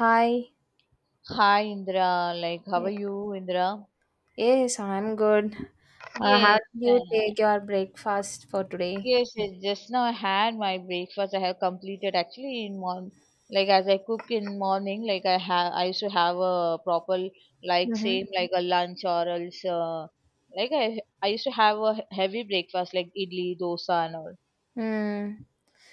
Hi. Hi Indra, like how are you, Indra? Yes, I'm good. How Yes, did you uh, take your breakfast for today? yes. Just now I had my breakfast. I have completed actually in morning. Like as I cook in morning, like I have, I used to have a proper like Mm-hmm. same like a lunch or else. Like I used to have a heavy breakfast like idli, dosa and all. Hmm.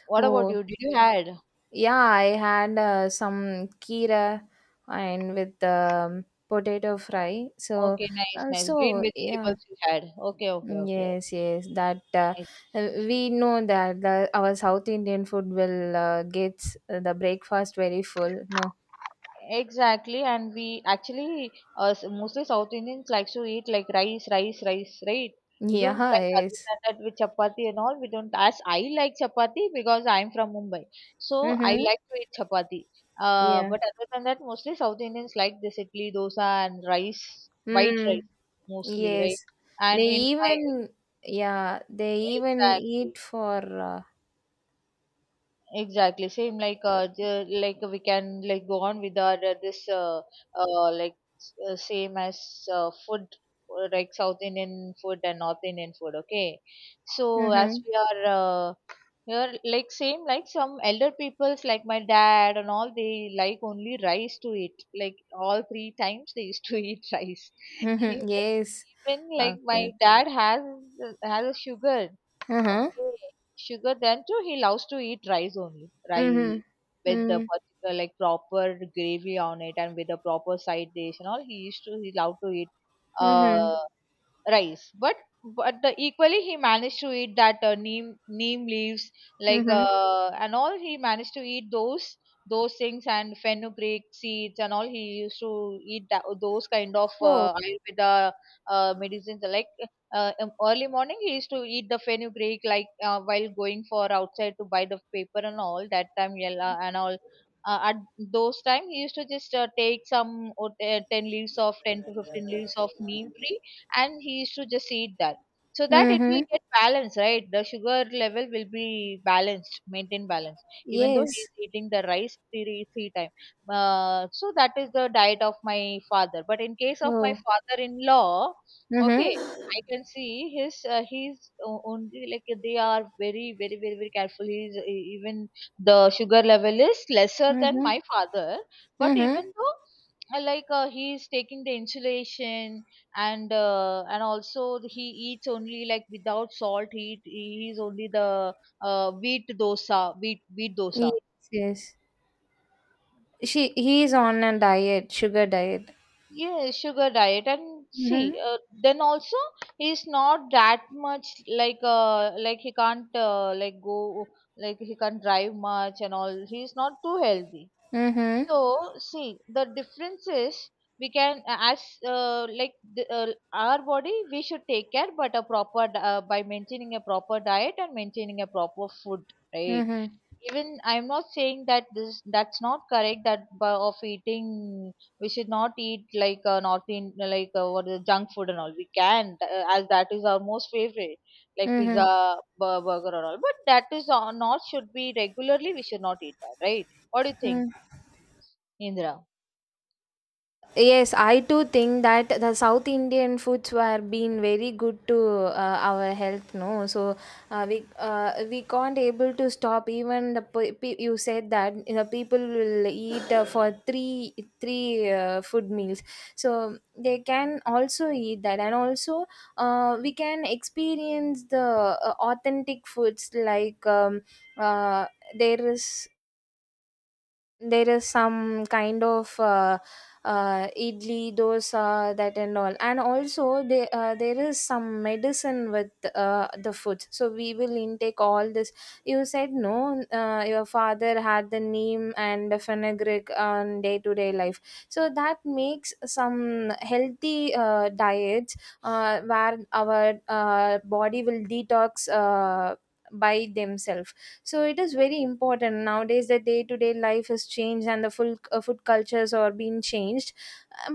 What about Oh, you? Did you had? yeah, I had some kira and with potato fry. So, Okay, nice, uh, nice. Green so yeah. vegetables you had. Okay, okay, okay, okay. Yes, yes, that Nice. We know that our South Indian food will gets the breakfast very full. No. Exactly, and we actually, mostly South Indians likes to eat like rice, rice, rice, right? We don't Yeah, like other yes. than that with chapati and all. We don't. As I like chapati because I'm from Mumbai, so I Mm-hmm. like to eat chapati. But other than that, mostly South Indians like this idli, dosa, and rice, white rice Mm, mostly, right? yes. They And in my even, yeah, they even exactly. eat for, Exactly, same like like we can like go on with our this same as food, like South Indian food and North Indian food. Okay, so as mm-hmm, we are here, like same like some elder peoples like my dad and all, they like only rice to eat. Like all three times they used to eat rice. mm-hmm, Even yes, even, like of my course. dad has a sugar. Mm-hmm, Okay, sugar then too he loves to eat rice only. mm-hmm, Rice with the mm-hmm, particular like proper gravy on it and with a proper side dish and all. He used to, he loved to eat. mm-hmm, Uh, rice, but the equally he managed to eat that neem leaves like, mm-hmm. And all he managed to eat those things and fenugreek seeds and all. He used to eat that, those kind of Oh, ayurveda medicines. Like early morning he used to eat the fenugreek like while going for outside to buy the paper and all, that time yella and all. At those time he used to just take some 10 leaves of 10 to 15 leaves of neem tree, and he used to just eat that, so that it mm-hmm, will get balanced, right, the sugar level will be balanced, maintained balance, even though he yes. is eating the rice three times. So that is the diet of my father. But in case of my Oh, father in law, okay, mm-hmm, I can see his, he's only, like they are very, very, very, very careful. He's even the sugar level is lesser than mm-hmm, my father, but mm-hmm. even though, like he's taking the insulation, and and also he eats only like without salt. He's only the wheat dosa, wheat Yes, dosa. yes. She, he is on a diet, sugar diet. Yeah, sugar diet. And see, Mm-hmm, then also he's not that much, like like he can't like go, like he can't drive much and all. He's not too healthy. mm-hmm, So, see, the difference is we can, as like our body, we should take care, but a proper by maintaining a proper diet and maintaining a proper food, right? mm-hmm, Even I'm not saying that this, that's not correct. That by, of eating, we should not eat like North Indian, like, what is it, junk food and all. We can, as that is our most favorite, like mm-hmm. pizza, burger, and all. But that is not should be regularly. We should not eat that, right? What do you think, Indra? Yes, I too think that the South Indian foods were being very good to our health. No, so we can't able to stop. Even the you said that people will eat for three food meals, so they can also eat that, and also we can experience the authentic foods like uh, there is some kind of idli dosa that and all, and also there is some medicine with the food, so we will intake all this. You said no, your father had the neem and the fenugreek on day to day life, so that makes some healthy diets where our body will detox by themselves. So it is very important nowadays. The day to day life has changed and the full food cultures are being changed,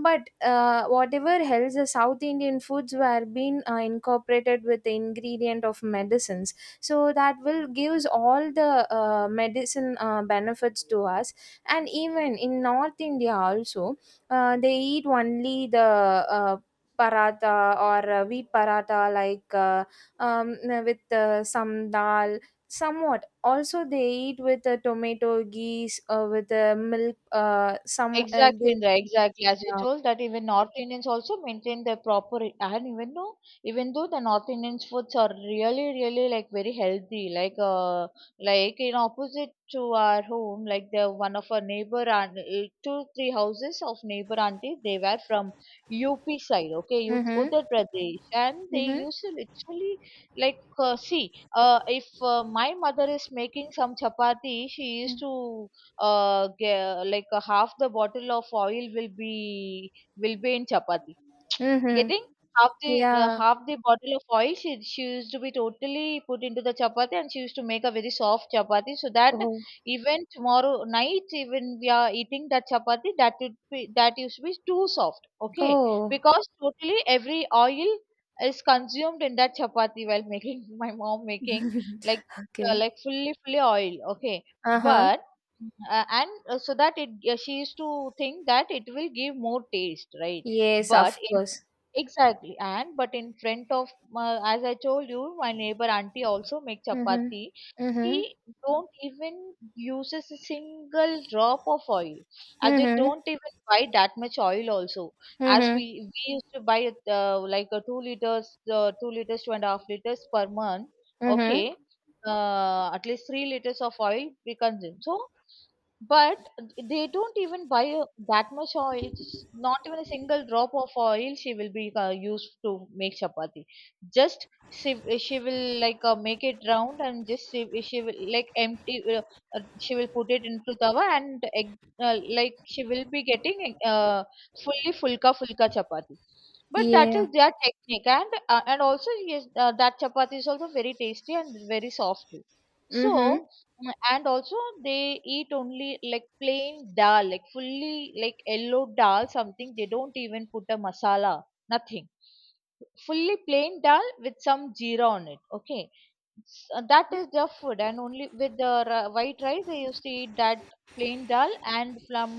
but whatever else the South Indian foods were being incorporated with the ingredient of medicines, so that will gives all the medicine benefits to us. And even in North India also, they eat only the uh, paratha or wheat paratha like um, with some dal. Somewhat also they eat with tomato geese with milk, some, Exactly, they Indra, exactly. As you yeah. told that even North Indians also maintain their proper, and even though the North Indians foods are really, really like very healthy. Like in opposite to our home, like the one of our neighbor and, two, three houses of neighbor aunties, they were from UP side, okay, U Mhm. Uttar Pradesh. And they Mhm. used to literally like, if my mother is making some chapati, she used Mm. to like a half the bottle of oil will be, will be in chapati. Mhm. Getting half the, Yeah. half the bottle of oil, she used to be totally put into the chapati, and she used to make a very soft chapati so that Oh. even tomorrow night, even we are eating that chapati, that would be, that used to be too soft, okay, Oh. because totally every oil is consumed in that chapati while making, my mom making, like Okay. like fully fully oil, okay, Uh-huh. but and so that it, she used to think that it will give more taste, right? Yes, But of course. exactly, and but in front of my, as I told you, my neighbor auntie also make Mhm. chapati. Mhm. She don't even uses a single drop of oil, as they Mhm. don't even buy that much oil also. As Mhm. we used to buy it like a 2 liters, 2 liters, 2.5 liters per month. Mhm. Okay, at least 3 liters of oil we consume. So but they don't even buy that much oil. Just not even a single drop of oil she will be used to make chapati. Just she will like make it round, and just she will like empty. She will put it into tawa and egg, like she will be getting fully fulka chapati. But that Yeah. is their technique, and also yes, that chapati is also very tasty and very soft too. Mhm. So mm, and also they eat only like plain dal, like fully like yellow dal, something they don't even put a masala, nothing, fully plain dal with some jeera on it, okay. That is their food, and only with the white rice they used to eat that plain dal. And from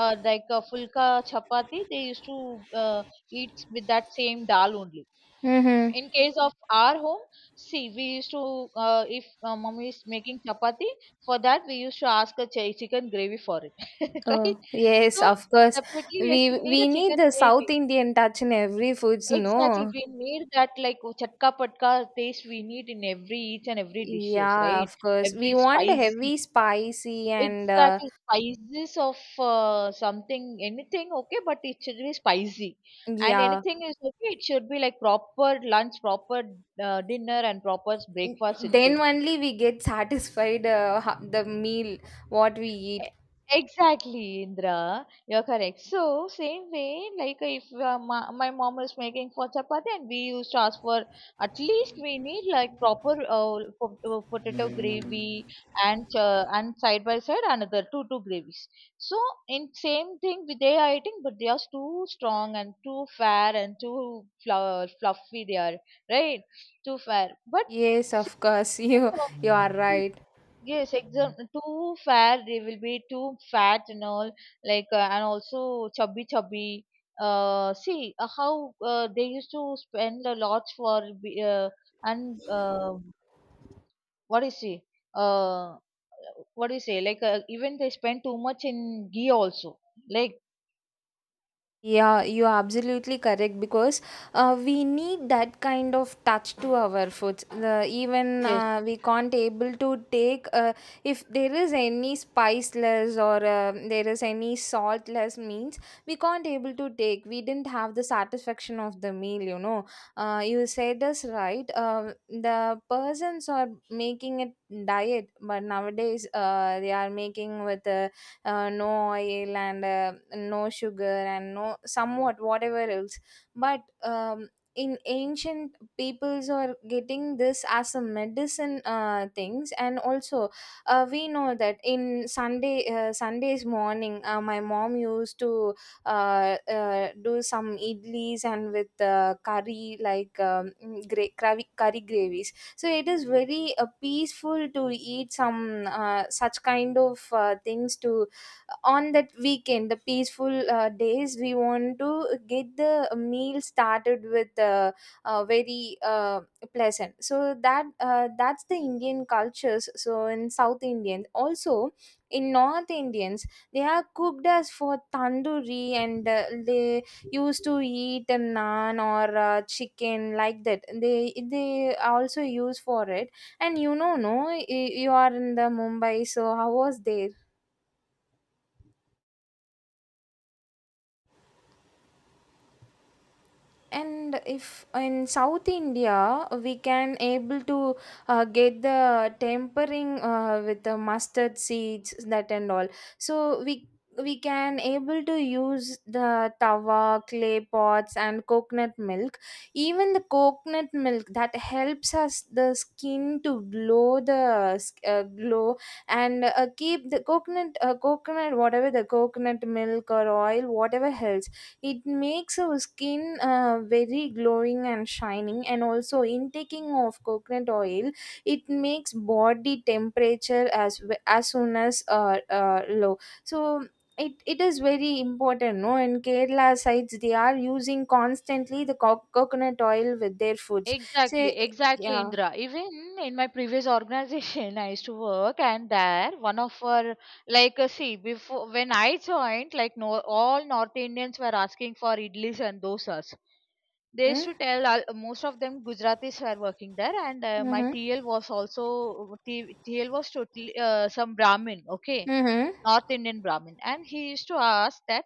like a fulka chapati, they used to uh, eat with that same dal only. Mhm. In case of our home, see, we used to, if mummy is making chapati, for that we used to ask a chicken gravy for it, right? Oh, yes, So of course. separately, yes, We we need a we chicken need the South gravy. Indian touch in every foods, Exactly, no? we need that like oh, chatka patka taste we need in every each and every dishes, Yeah, right? of course. We Every want the spicy. heavy, spicy, and Exactly, spices of, something, anything, okay, but it should be spicy. And yeah. anything is okay, it should be like proper lunch, proper dinner, and proper breakfast, it Then should be. only we get satisfied, the meal what we eat. E- Exactly, Indra. You're correct. So, same way, like if my mom was making for chapati, and we used to ask for, at least we need like proper potato gravy and and side by side another two gravies. So, in same thing with, they are eating, but they are too strong and too fair and too fluffy. They are, right, too fair. But Yes, of series course. you of you are right. yes, exam, too fat. They will be too fat and all, like and also chubby, chubby. See How they used to spend a lot for be- and what is it? Uh, what do you say? Like even they spend too much in ghee also. Like Yeah, you are absolutely correct because we need that kind of touch to our food. Even yes, we can't able to take. If there is any spiceless or there is any saltless means, we can't able to take. We didn't have the satisfaction of the meal. You said this right. The persons are making it diet, but nowadays they are making with. No oil and no sugar and no somewhat whatever else, but in ancient peoples are getting this as a medicine things, and also we know that in Sundays morning, my mom used to do some idlis and with curry, like curry gravies, so it is very peaceful to eat some such kind of things. To on that weekend, the peaceful days, we want to get the meal started with very pleasant, so that's the Indian cultures. So in South Indians also, in North Indians, they are cooked as for tandoori and they used to eat a naan or chicken like that. They also use for it. And you know, no, you are in the Mumbai, so how was there? And if in South India, we can able to get the tempering, with the mustard seeds, that and all, so we can able to use the tawa, clay pots and coconut milk. Even the coconut milk, that helps us the skin to glow, glow. And keep the coconut whatever, the coconut milk or oil, whatever helps, it makes our skin very glowing and shining. And also, intaking of coconut oil, it makes body temperature as soon as low. So it is very important, no? In Kerala sides, they are using constantly the coconut oil with their foods. Say, exactly, exactly, yeah. Indra. Even in my previous organization, I used to work, and there one of our, like see before when I joined, like no, all North Indians were asking for idlis and dosas. They used Mm? to tell all, most of them Gujaratis were working there, and my Mm-hmm. TL was also T, TL was totally some Brahmin, okay, Mm-hmm. North Indian Brahmin, and he used to ask that,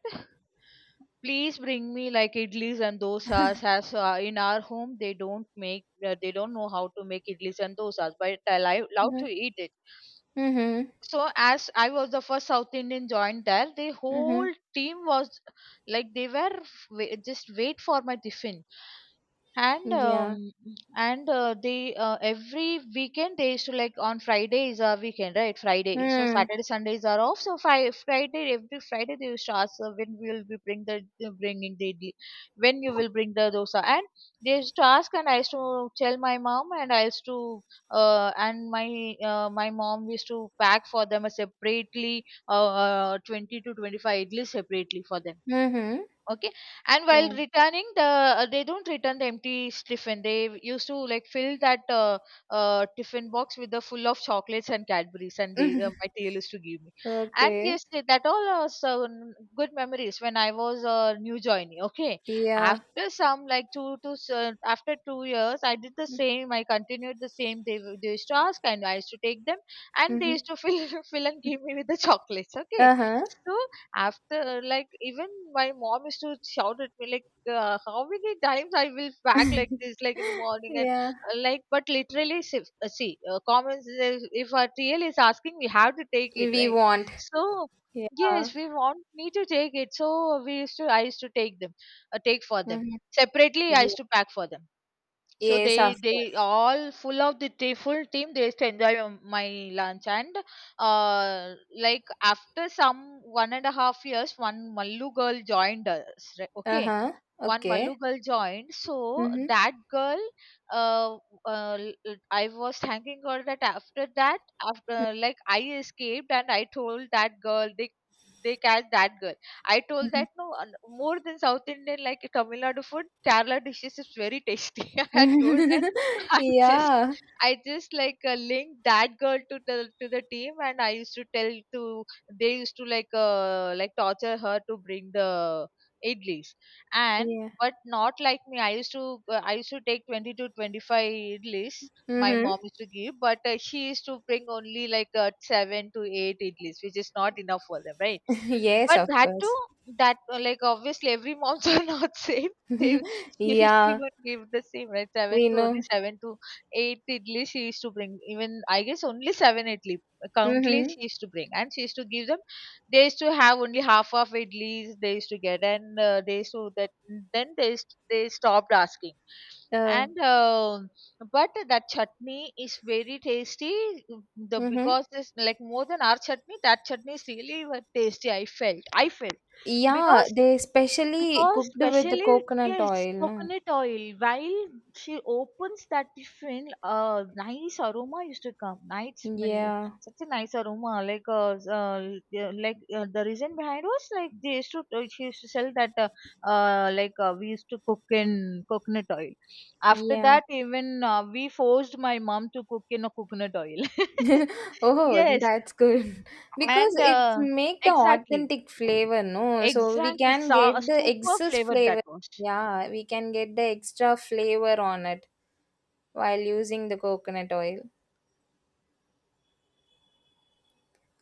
please bring me like idlis and dosas. As in our home, they don't make, they don't know how to make idlis and dosas, but I love Mm-hmm. to eat it. Mm-hmm. So as I was the first South Indian joined there, the whole Mm-hmm. team was like they were just wait for my tiffin and Yeah. um, and they every weekend they used to, like, on Friday is our weekend, right? Friday, so Mm. Saturday Sundays are off. So Friday, every Friday they used to ask when we will be bring the uh, bringing the the- when you will bring the dosa. And they used to ask, and I used to tell my mom. And I used to and my my mom used to pack for them a separately 20 to 25 idlis separately for them. Mm-hmm. Okay. And while Yeah. returning they don't return the empty tiffin. They used to, like, fill that tiffin box with the full of chocolates and Cadburys. And they my tail used to give me. And Okay. yes, that all are so good memories when I was a new joinee. Okay. Yeah. After some, like, after 2 years, I did the same. I continued the same. They used to ask, and I used to take them. And they Mm-hmm. used to fill fill and give me with the chocolates. Okay. Uh-huh. So after, like, even my mom used to shout at me like, how many times I will pack like this, like, in the morning. And Yeah. Like, but literally see, comments is if our TL is asking, we have to take it, We right? want. So Yeah. yes, we want me to take it. So we used to I used to take them. Take for them Mm-hmm. separately. I used Yeah. to pack for them. So Yes, they of they course. all full of the they full team they used to enjoy my lunch. And uh like, after some 1.5 years, one Mallu girl joined us, right? Okay. Uh-huh. One Mallu Okay. girl joined. So Mm-hmm. that girl, uh, I was thanking her that after that, after, like, I escaped and I told that girl, they catch that girl. I told Mm-hmm. that no, more than South Indian, like Tamil Nadu food, Kerala dishes is very tasty. I had told that just Yeah. I just like, linked that girl to the team. And I used to tell to they used to, like, like, torture her to bring the idlis. And Yeah. but not like me. I used to take 20 to 25 idlis. My Mm-hmm. mom used to give, but she used to bring only, like, seven to eight idlis, which is not enough for them, right? Yes, But of that too, course. that like, obviously every moms are not same. They She Yeah, would give the same, right? seven we to Only know. seven to eight idli she used to bring. Even I guess only seven idli countly Mm-hmm. she used to bring, and she used to give them. They used to have only half of idlis they used to get. And they used to that then they stopped asking. Uh, And but that chutney is very tasty. The mm-hmm. Because this, like, more than our chutney, that chutney is really tasty, I felt. Yeah, because they specially because cooked with the specially, coconut yes, oil, no? coconut oil. While she opens that tiffin, a nice aroma used to come, nice smell, Yeah. such a nice aroma. Like, yeah, like, the reason behind was like they used to she used to sell that we used to cook in coconut oil. After Yeah. that, even we forced my mom to cook in a coconut oil. Oh, Yes, that's good. Because and it's make the exactly. authentic flavor, no? So we Exactly, can a get the super excess flavor that flavor. was. Yeah, we can get the extra flavor on it while using the coconut oil.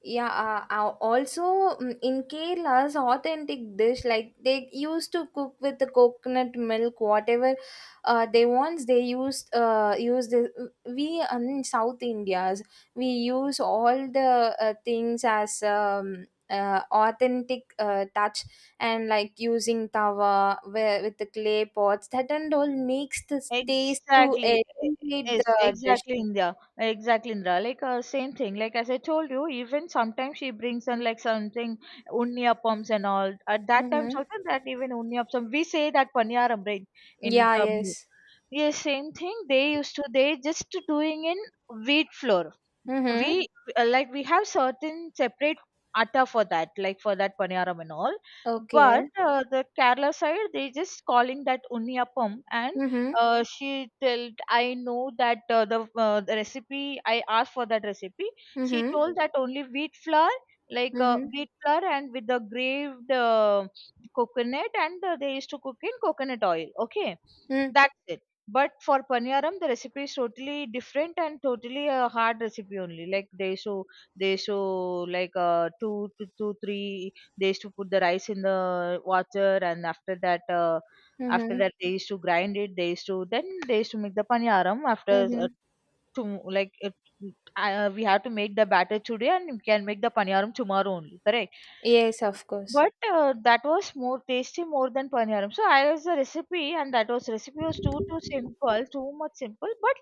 Yeah, also, in Kerala's authentic dish, like they used to cook with the coconut milk, whatever they want. They used, use the we in South India's, we use all the things as authentic touch, and like using tawa where, with the clay pots, that and all makes the taste to Exactly. Elevate Yes, the dish. exactly, India. Exactly, Indra. Like, same thing. Like, as I told you, even sometimes she brings in, like, something unniyappams and all. At that time, Mm-hmm. also that even unniyappam. We say that paniyaram, right? In Yeah. Tamil. Yes. Yes, same thing. They used to. They just doing in wheat flour. Mm-hmm. We Like, we have certain separate atta for that, like for that paniyaram and all. But Okay. The Kerala side, they just calling that unniyappam. And Mhm. She told, I know that the recipe. I asked for that recipe. She Mhm. told that only wheat flour, Mhm. wheat flour and with the graved coconut. And they used to cook in coconut oil. Okay. Mm. That's it. But for paniyaram, the recipe is totally different, and totally a hard recipe only. Like they show, like, two to two three. They used to put the rice in the water, and after that, Mhm. They used to grind it. They used to make the paniyaram after Mhm. two, like. We have to make the batter today and we can make the paniyaram tomorrow only, correct? Yes, of course. But that was more tasty more than paneeram. So I asked the recipe, and that was recipe was too simple, too much simple. But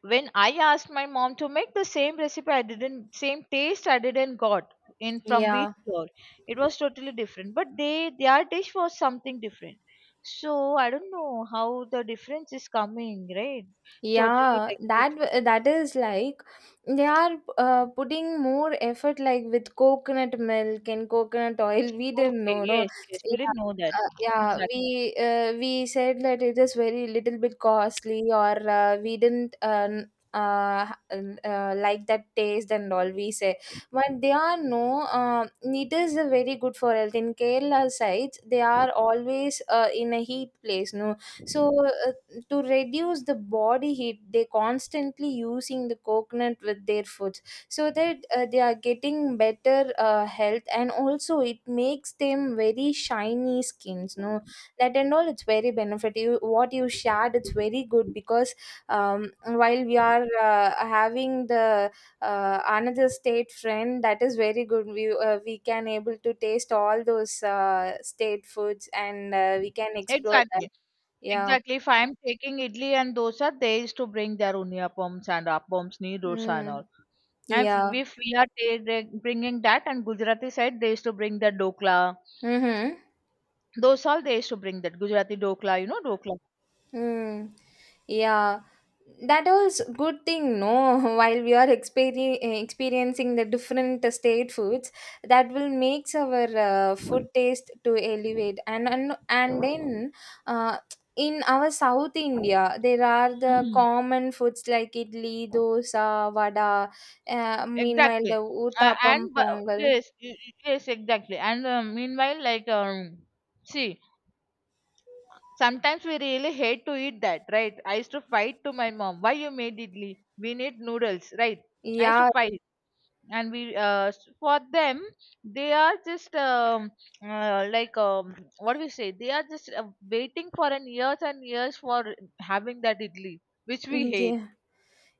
when I asked my mom to make the same recipe, I didn't same taste, I didn't got in from wheat Yeah. flour. It was totally different. But they their dish was something different. So I don't know how the difference is coming, right? Totally Yeah, like different. That is like they are putting more effort like with coconut milk and coconut oil. We didn't Okay, know, no. yes, yes, we Yeah, didn't know that yeah. exactly. We said that it is very little bit costly, or we didn't like that taste and all. We say, but they are no. It is very good for health. In Kerala sides, they are always in a heat place, no. So, to reduce the body heat, they constantly using the coconut with their foods, so that they are getting better health, and also it makes them very shiny skins, no? That and all, it's very benefit. You, what you shared, it's very good because while we are having the another state friend, that is very good. We can able to taste all those state foods, and we can explore that. Exactly. Yeah. Exactly. If I am taking idli and dosa, they used to bring their uniappams and appams, nee dosa and all. Mm. And if, Yeah. if we are bringing that, and Gujarati side, they used to bring the dokla. Mm-hmm. Those all they used to bring that Gujarati dokla, dokla. Mm. Yeah. That was good thing, no? While we are experiencing the different state foods, that will makes our food taste to elevate. And then, uh, in our South India, there are the Hmm. common foods like idli, dosa, vada. Meanwhile, Exactly. the uttapam, And but, pongal. yes, yes, exactly. And meanwhile, like, see, sometimes we really hate to eat that, right? I used to fight to my mom. Why you made idli? We need noodles, right? I used to Yeah. fight. And for them, they are just like, what do we say, they are just waiting for an years and years for having that idli which we hate. Yeah.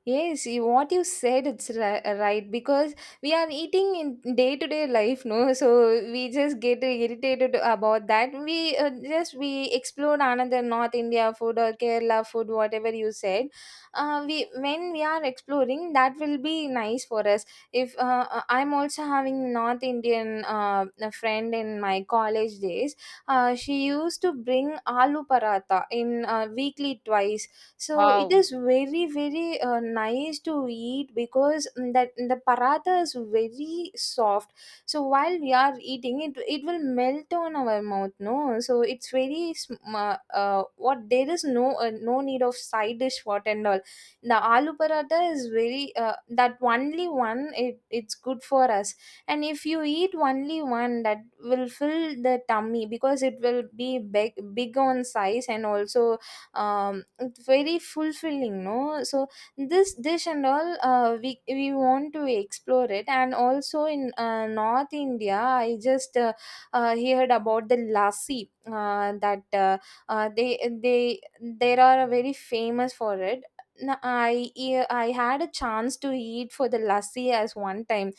Yes, what you said, it's right, because we are eating in day to day life, no? So we just get irritated about that. We just we explore another North India food or Kerala food, whatever you said. We when we are exploring, that will be nice for us. If I'm also having North Indian, a friend in my college days, she used to bring aloo paratha in, weekly twice. So it Wow. is very very nice to eat because, that the paratha is very soft. So while we are eating it will melt on our mouth, no, so it's very what, there is no no need of side dish, what and all. The aloo paratha is very that only one, it's good for us. And if you eat only one, that will fill the tummy because it will be big, big on size, and also, it's very fulfilling, no, so this dish and all, we want to explore it. And also, in North India, I just heard about the lassi, that they, there are very famous for it. N- I I had a chance to eat for the lassi as one time.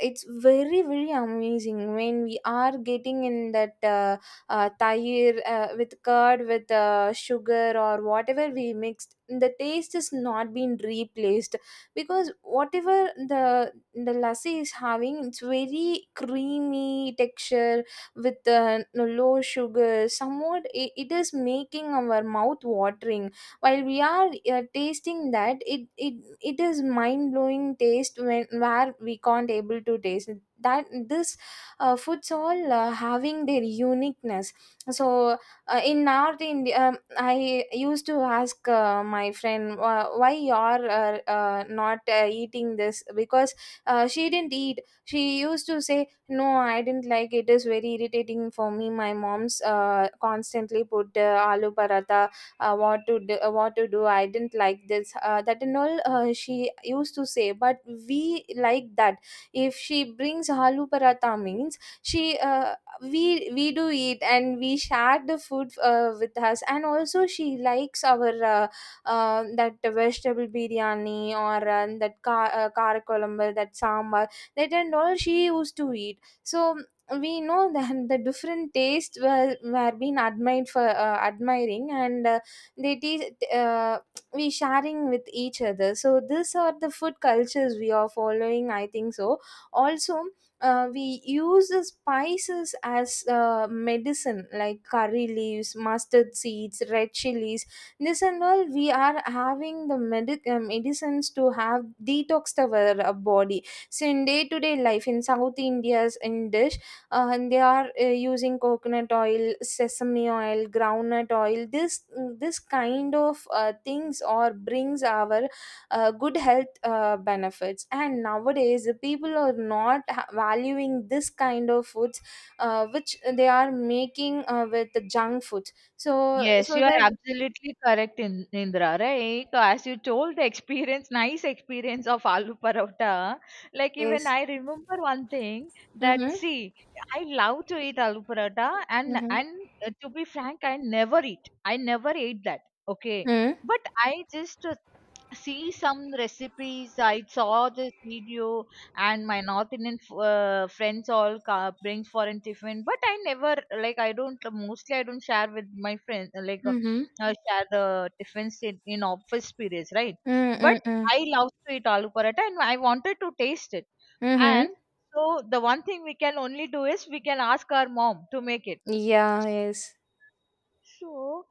It's very very amazing. When we are getting in that, tahir, with curd, with sugar or whatever we mixed, the taste is not being replaced, because whatever the lassi is having, it's very creamy texture with low sugar. Somewhat it is making our mouth watering while we are tasting that, it is mind blowing taste, when, where we can't able to taste that, this foods all having their uniqueness. So in North India, I used to ask, my friend, why you are not eating this, because she didn't eat. She used to say, no, I didn't like it. It is very irritating for me. My mom's constantly put aloo paratha. What to do, what to do? I didn't like this that and all. She used to say, but we like that. If she brings aloo paratha means she we we do eat, and we share the food with us. And also she likes our that vegetable biryani, or that ka karakolambu, that sambar, that and all she used to eat, so we know that the different tastes were being admired for admiring, and they teach we sharing with each other. So these are the food cultures we are following, I think so. Also, we use the spices as medicine, like curry leaves, mustard seeds, red chilies. This and all, we are having the medicines to have detoxed our body. So in day to day life in South India's in dish, and they are using coconut oil, sesame oil, groundnut oil. This kind of things or brings our good health benefits. And nowadays the people are not valuing this kind of foods which they are making with the junk food. so Yes, so you are that. absolutely correct, Indra. Right? So, as you told, the experience, nice experience of aloo paratha. Like, even Yes. I remember one thing that, Mhm. see, I love to eat aloo paratha, and Mhm. and uh, to be frank, I never eat. I never ate that. Okay, Mhm. but I just see some recipes. I saw this video, and my North Indian friends all bring foreign tiffin. But I never like, I don't mostly I don't share with my friends, Mhm. Share the tiffins in office periods, right? But Mhm. Mhm. I love to eat aloo paratha, and I wanted to taste it. Mhm. And so the one thing we can only do is we can ask our mom to make it. Yeah, yes. So,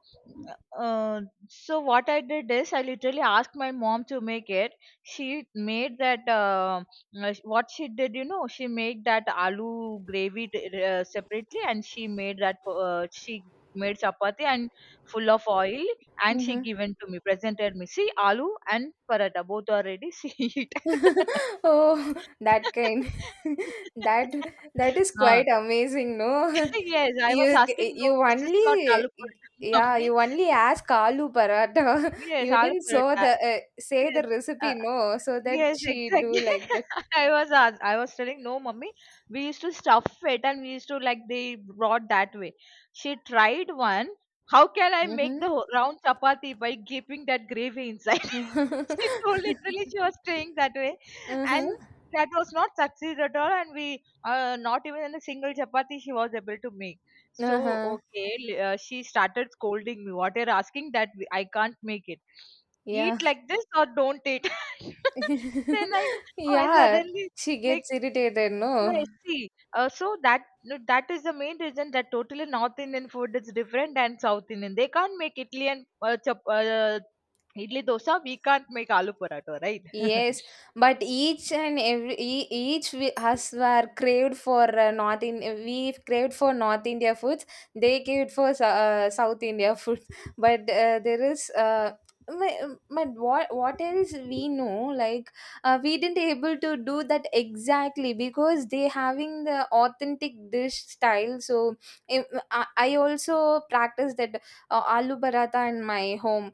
uh, so, what I did is I literally asked my mom to make it. She made that. What she did, she made that aloo gravy separately, and she made that. She made chapati and full of oil, and she Mhm. given to me, presented me. See, aloo and paratha both are ready. See it. Oh, that kind. That that is Uh, quite amazing, no? yes, I was asking. No, You this is only. not aloo paratha, Yeah, mummy. you only ask Alu Paratha. Yes, You I'll didn't put it. saw the say the Yes. recipe, Uh, no, so that yes, she do exactly. like that. I was telling no, mummy. We used to stuff it and we used to like they brought that way. She tried one. How can I make Mm-hmm. the round chapati by keeping that gravy inside? She told, literally she was staying that way, Uh-huh. and that was not succeed at all. And we not even in a single chapati she was able to make. So Uh-huh. okay, she started scolding me. What you're asking, that I can't make it, Yeah. eat like this or don't eat. Then I, oh, I Yeah, suddenly, she like, gets irritated, no? yes, see. So that no, that is the main reason that totally North Indian food is different than South Indian. They can't make idli dosa. We can't make aloo paratha, right? Yes, but each and every each we, us were craved for North India. We craved for North India foods. They craved for South India food. But there is. But what else we know, like we didn't able to do that exactly because they having the authentic dish style. So im- I also practice that aloo paratha in my home.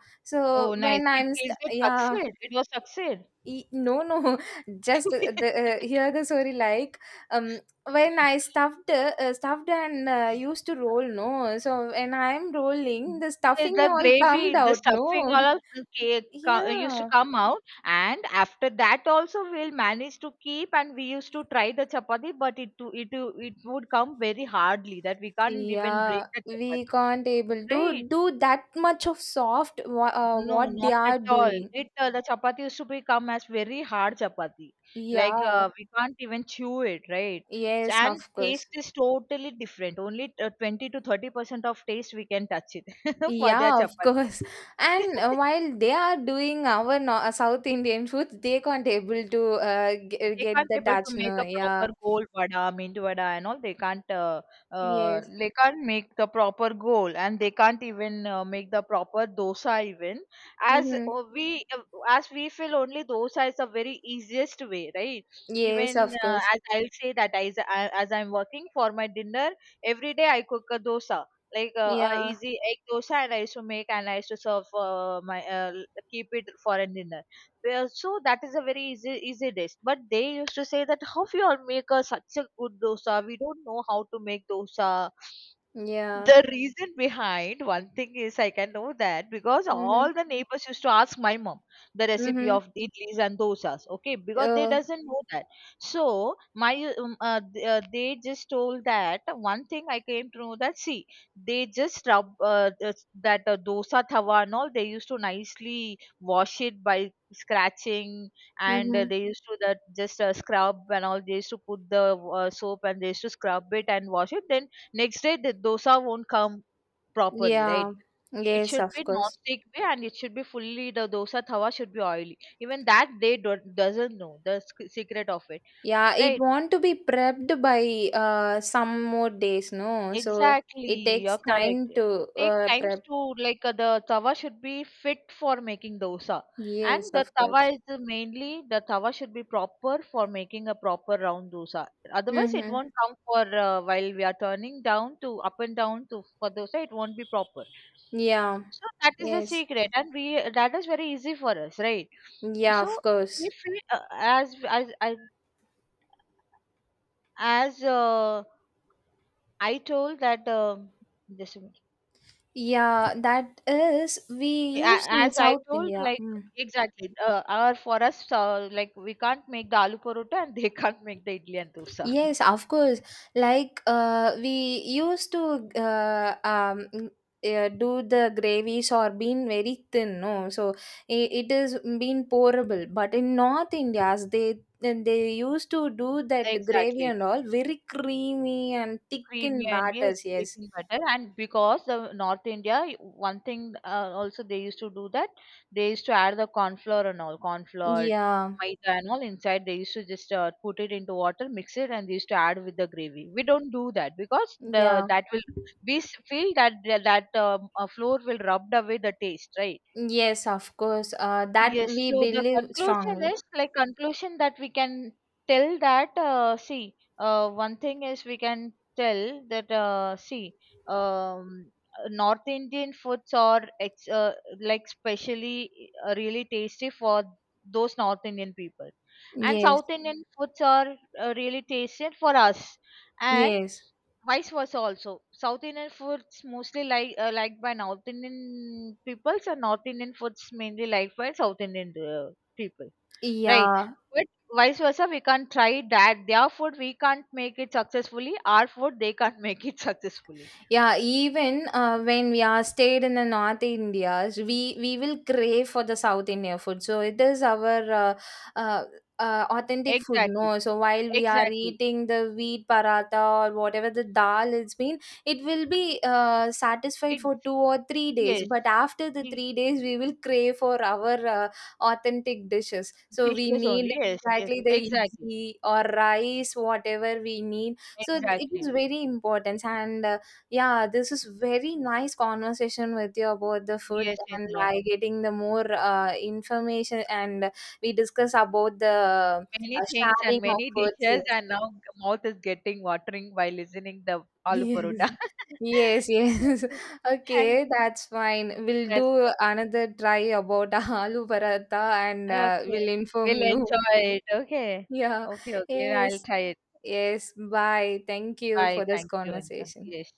Oh, So nice. when It is it yeah. succeed. It was succeed. No, no, just the, hear the story, like um when I stuffed stuffed and used to roll, no. So when I'm rolling, the Yes, stuffing the all come gravy, the out, stuffing, no. all of the cake used to Yeah, come out, and after that also we'll manage to keep. And we used to try the chapati, but it would come very hardly, that we can't even break yeah, the we chapati. can't able to Right? do that much of soft No, what not they at are all. doing. It The chapati used to become as very hard chapati, like, Yeah, we can't even chew it, right? So, yes, of and course. taste is totally different. Only 20 to 30% of taste we can touch it for their Yeah, of chapati. course. And while they are doing our South Indian foods, they can't able to They get can't the able to make tajno. a Yeah. proper goal vada, mint vada, and all. They can't. Yes. They can't make the proper goal, and they can't even make the proper dosa. Even as Mm-hmm. uh, we uh, as we feel only dosa is the very easiest way, right? Yes, Even of course. as I'll say that as I'm working for my dinner every day, I cook a dosa. Like, a Yeah. easy egg dosa, and I used to make and I used to serve my keep it for a dinner, well, so that is a very easy easy dish. But they used to say that how you all make a, such a good dosa. We don't know how to make dosa. Yeah. The reason behind one thing is I can know that, because Mm-hmm. all the neighbors used to ask my mom the recipe Mm-hmm. of idlis and dosas, okay, because they Oh. doesn't know that. So they just told that one thing I came to know that, see, they just rub this- that dosa tawa and all they used to nicely wash it by scratching. And Mm-hmm. they used to that just scrub and all, they used to put the soap, and they used to scrub it and wash it. Then next day the dosa won't come properly, Yeah. right? It Yes, should of be course. non-stick way, and it should be fully, the dosa tawa should be oily. Even that they do, doesn't know the secret of it, Yeah, it right? want to be prepped by some more days, no? So Exactly, it you're takes correct. time It to takes times prep. to, like, the tawa should be fit for making dosa, and Yes, the of tawa course. is the mainly the tawa should be proper for making a proper round dosa. Otherwise, it Mm-hmm. won't come for while we are turning down to up and down to for dosa. It won't be proper. Yeah. So that is the Yes. secret, and we that is very easy for us, right? Yeah, So of course. if we, as I told that this minute. Yeah, that is we used in As I South told, India. like, Mm. exactly or for us, like, we can't make the aloo parota, and they can't make the idli and dosa. Yes, of course. Like we used to do the gravies or being very thin, no. So it is being pourable. But in North India's, they used to do that gravy Exactly. and all very creamy and thick Creamy, in and yes, batters. Yes. taken butter. And because the North India, one thing, also they used to do that, they used to add the corn flour and all, corn flour, Yeah. maida and all inside, they used to just put it into water, mix it, and they used to add with the gravy. We don't do that because the Yeah. that will, we feel that flour will rubbed away the taste, right? Yes, of course. That Yes, we so the believe conclusion strongly. is, like, conclusion that we can tell that see, one thing is we can tell that see, um, North Indian foods are like, specially really tasty for those North Indian people, and Yes, South Indian foods are really tasty for us. And yes, vice versa also, South Indian foods mostly, like, liked by North Indian people. So North Indian foods mainly liked by South Indian people, right? yeah, But vice versa, we can't try that, their food. We can't make it successfully. Our food, they can't make it successfully. yeah, even when we are stayed in the North Indias, we will crave for the South India food. So it is our uh, authentic food, Exactly. no. So while we are Exactly. eating the wheat paratha or whatever the dal, it's been, it will be satisfied It. for 2 or 3 days. Yes. But after the E- 3 days, we will crave for our authentic dishes. So we Dishes need only. Yes, yes. exactly the Exactly. idli or rice, whatever we need. So it is Exactly. very important. And yeah, this is very nice conversation with you about the food. Yes, And Indra. by getting the more information, and we discuss about the Many things and sharing of many foods. dishes, Yes. and now mouth is getting watering while listening the aloo Yes. parota. Yes, yes. Okay. Thank Okay, you. that's fine. We'll That's do another try about aloo paratha and fine. Okay. we'll inform We'll you. enjoy it. Okay. Yeah. Okay, okay. I'll Yes. try it. Yes. Bye. Thank you Bye. for this Thank you, Indra. conversation. Yes.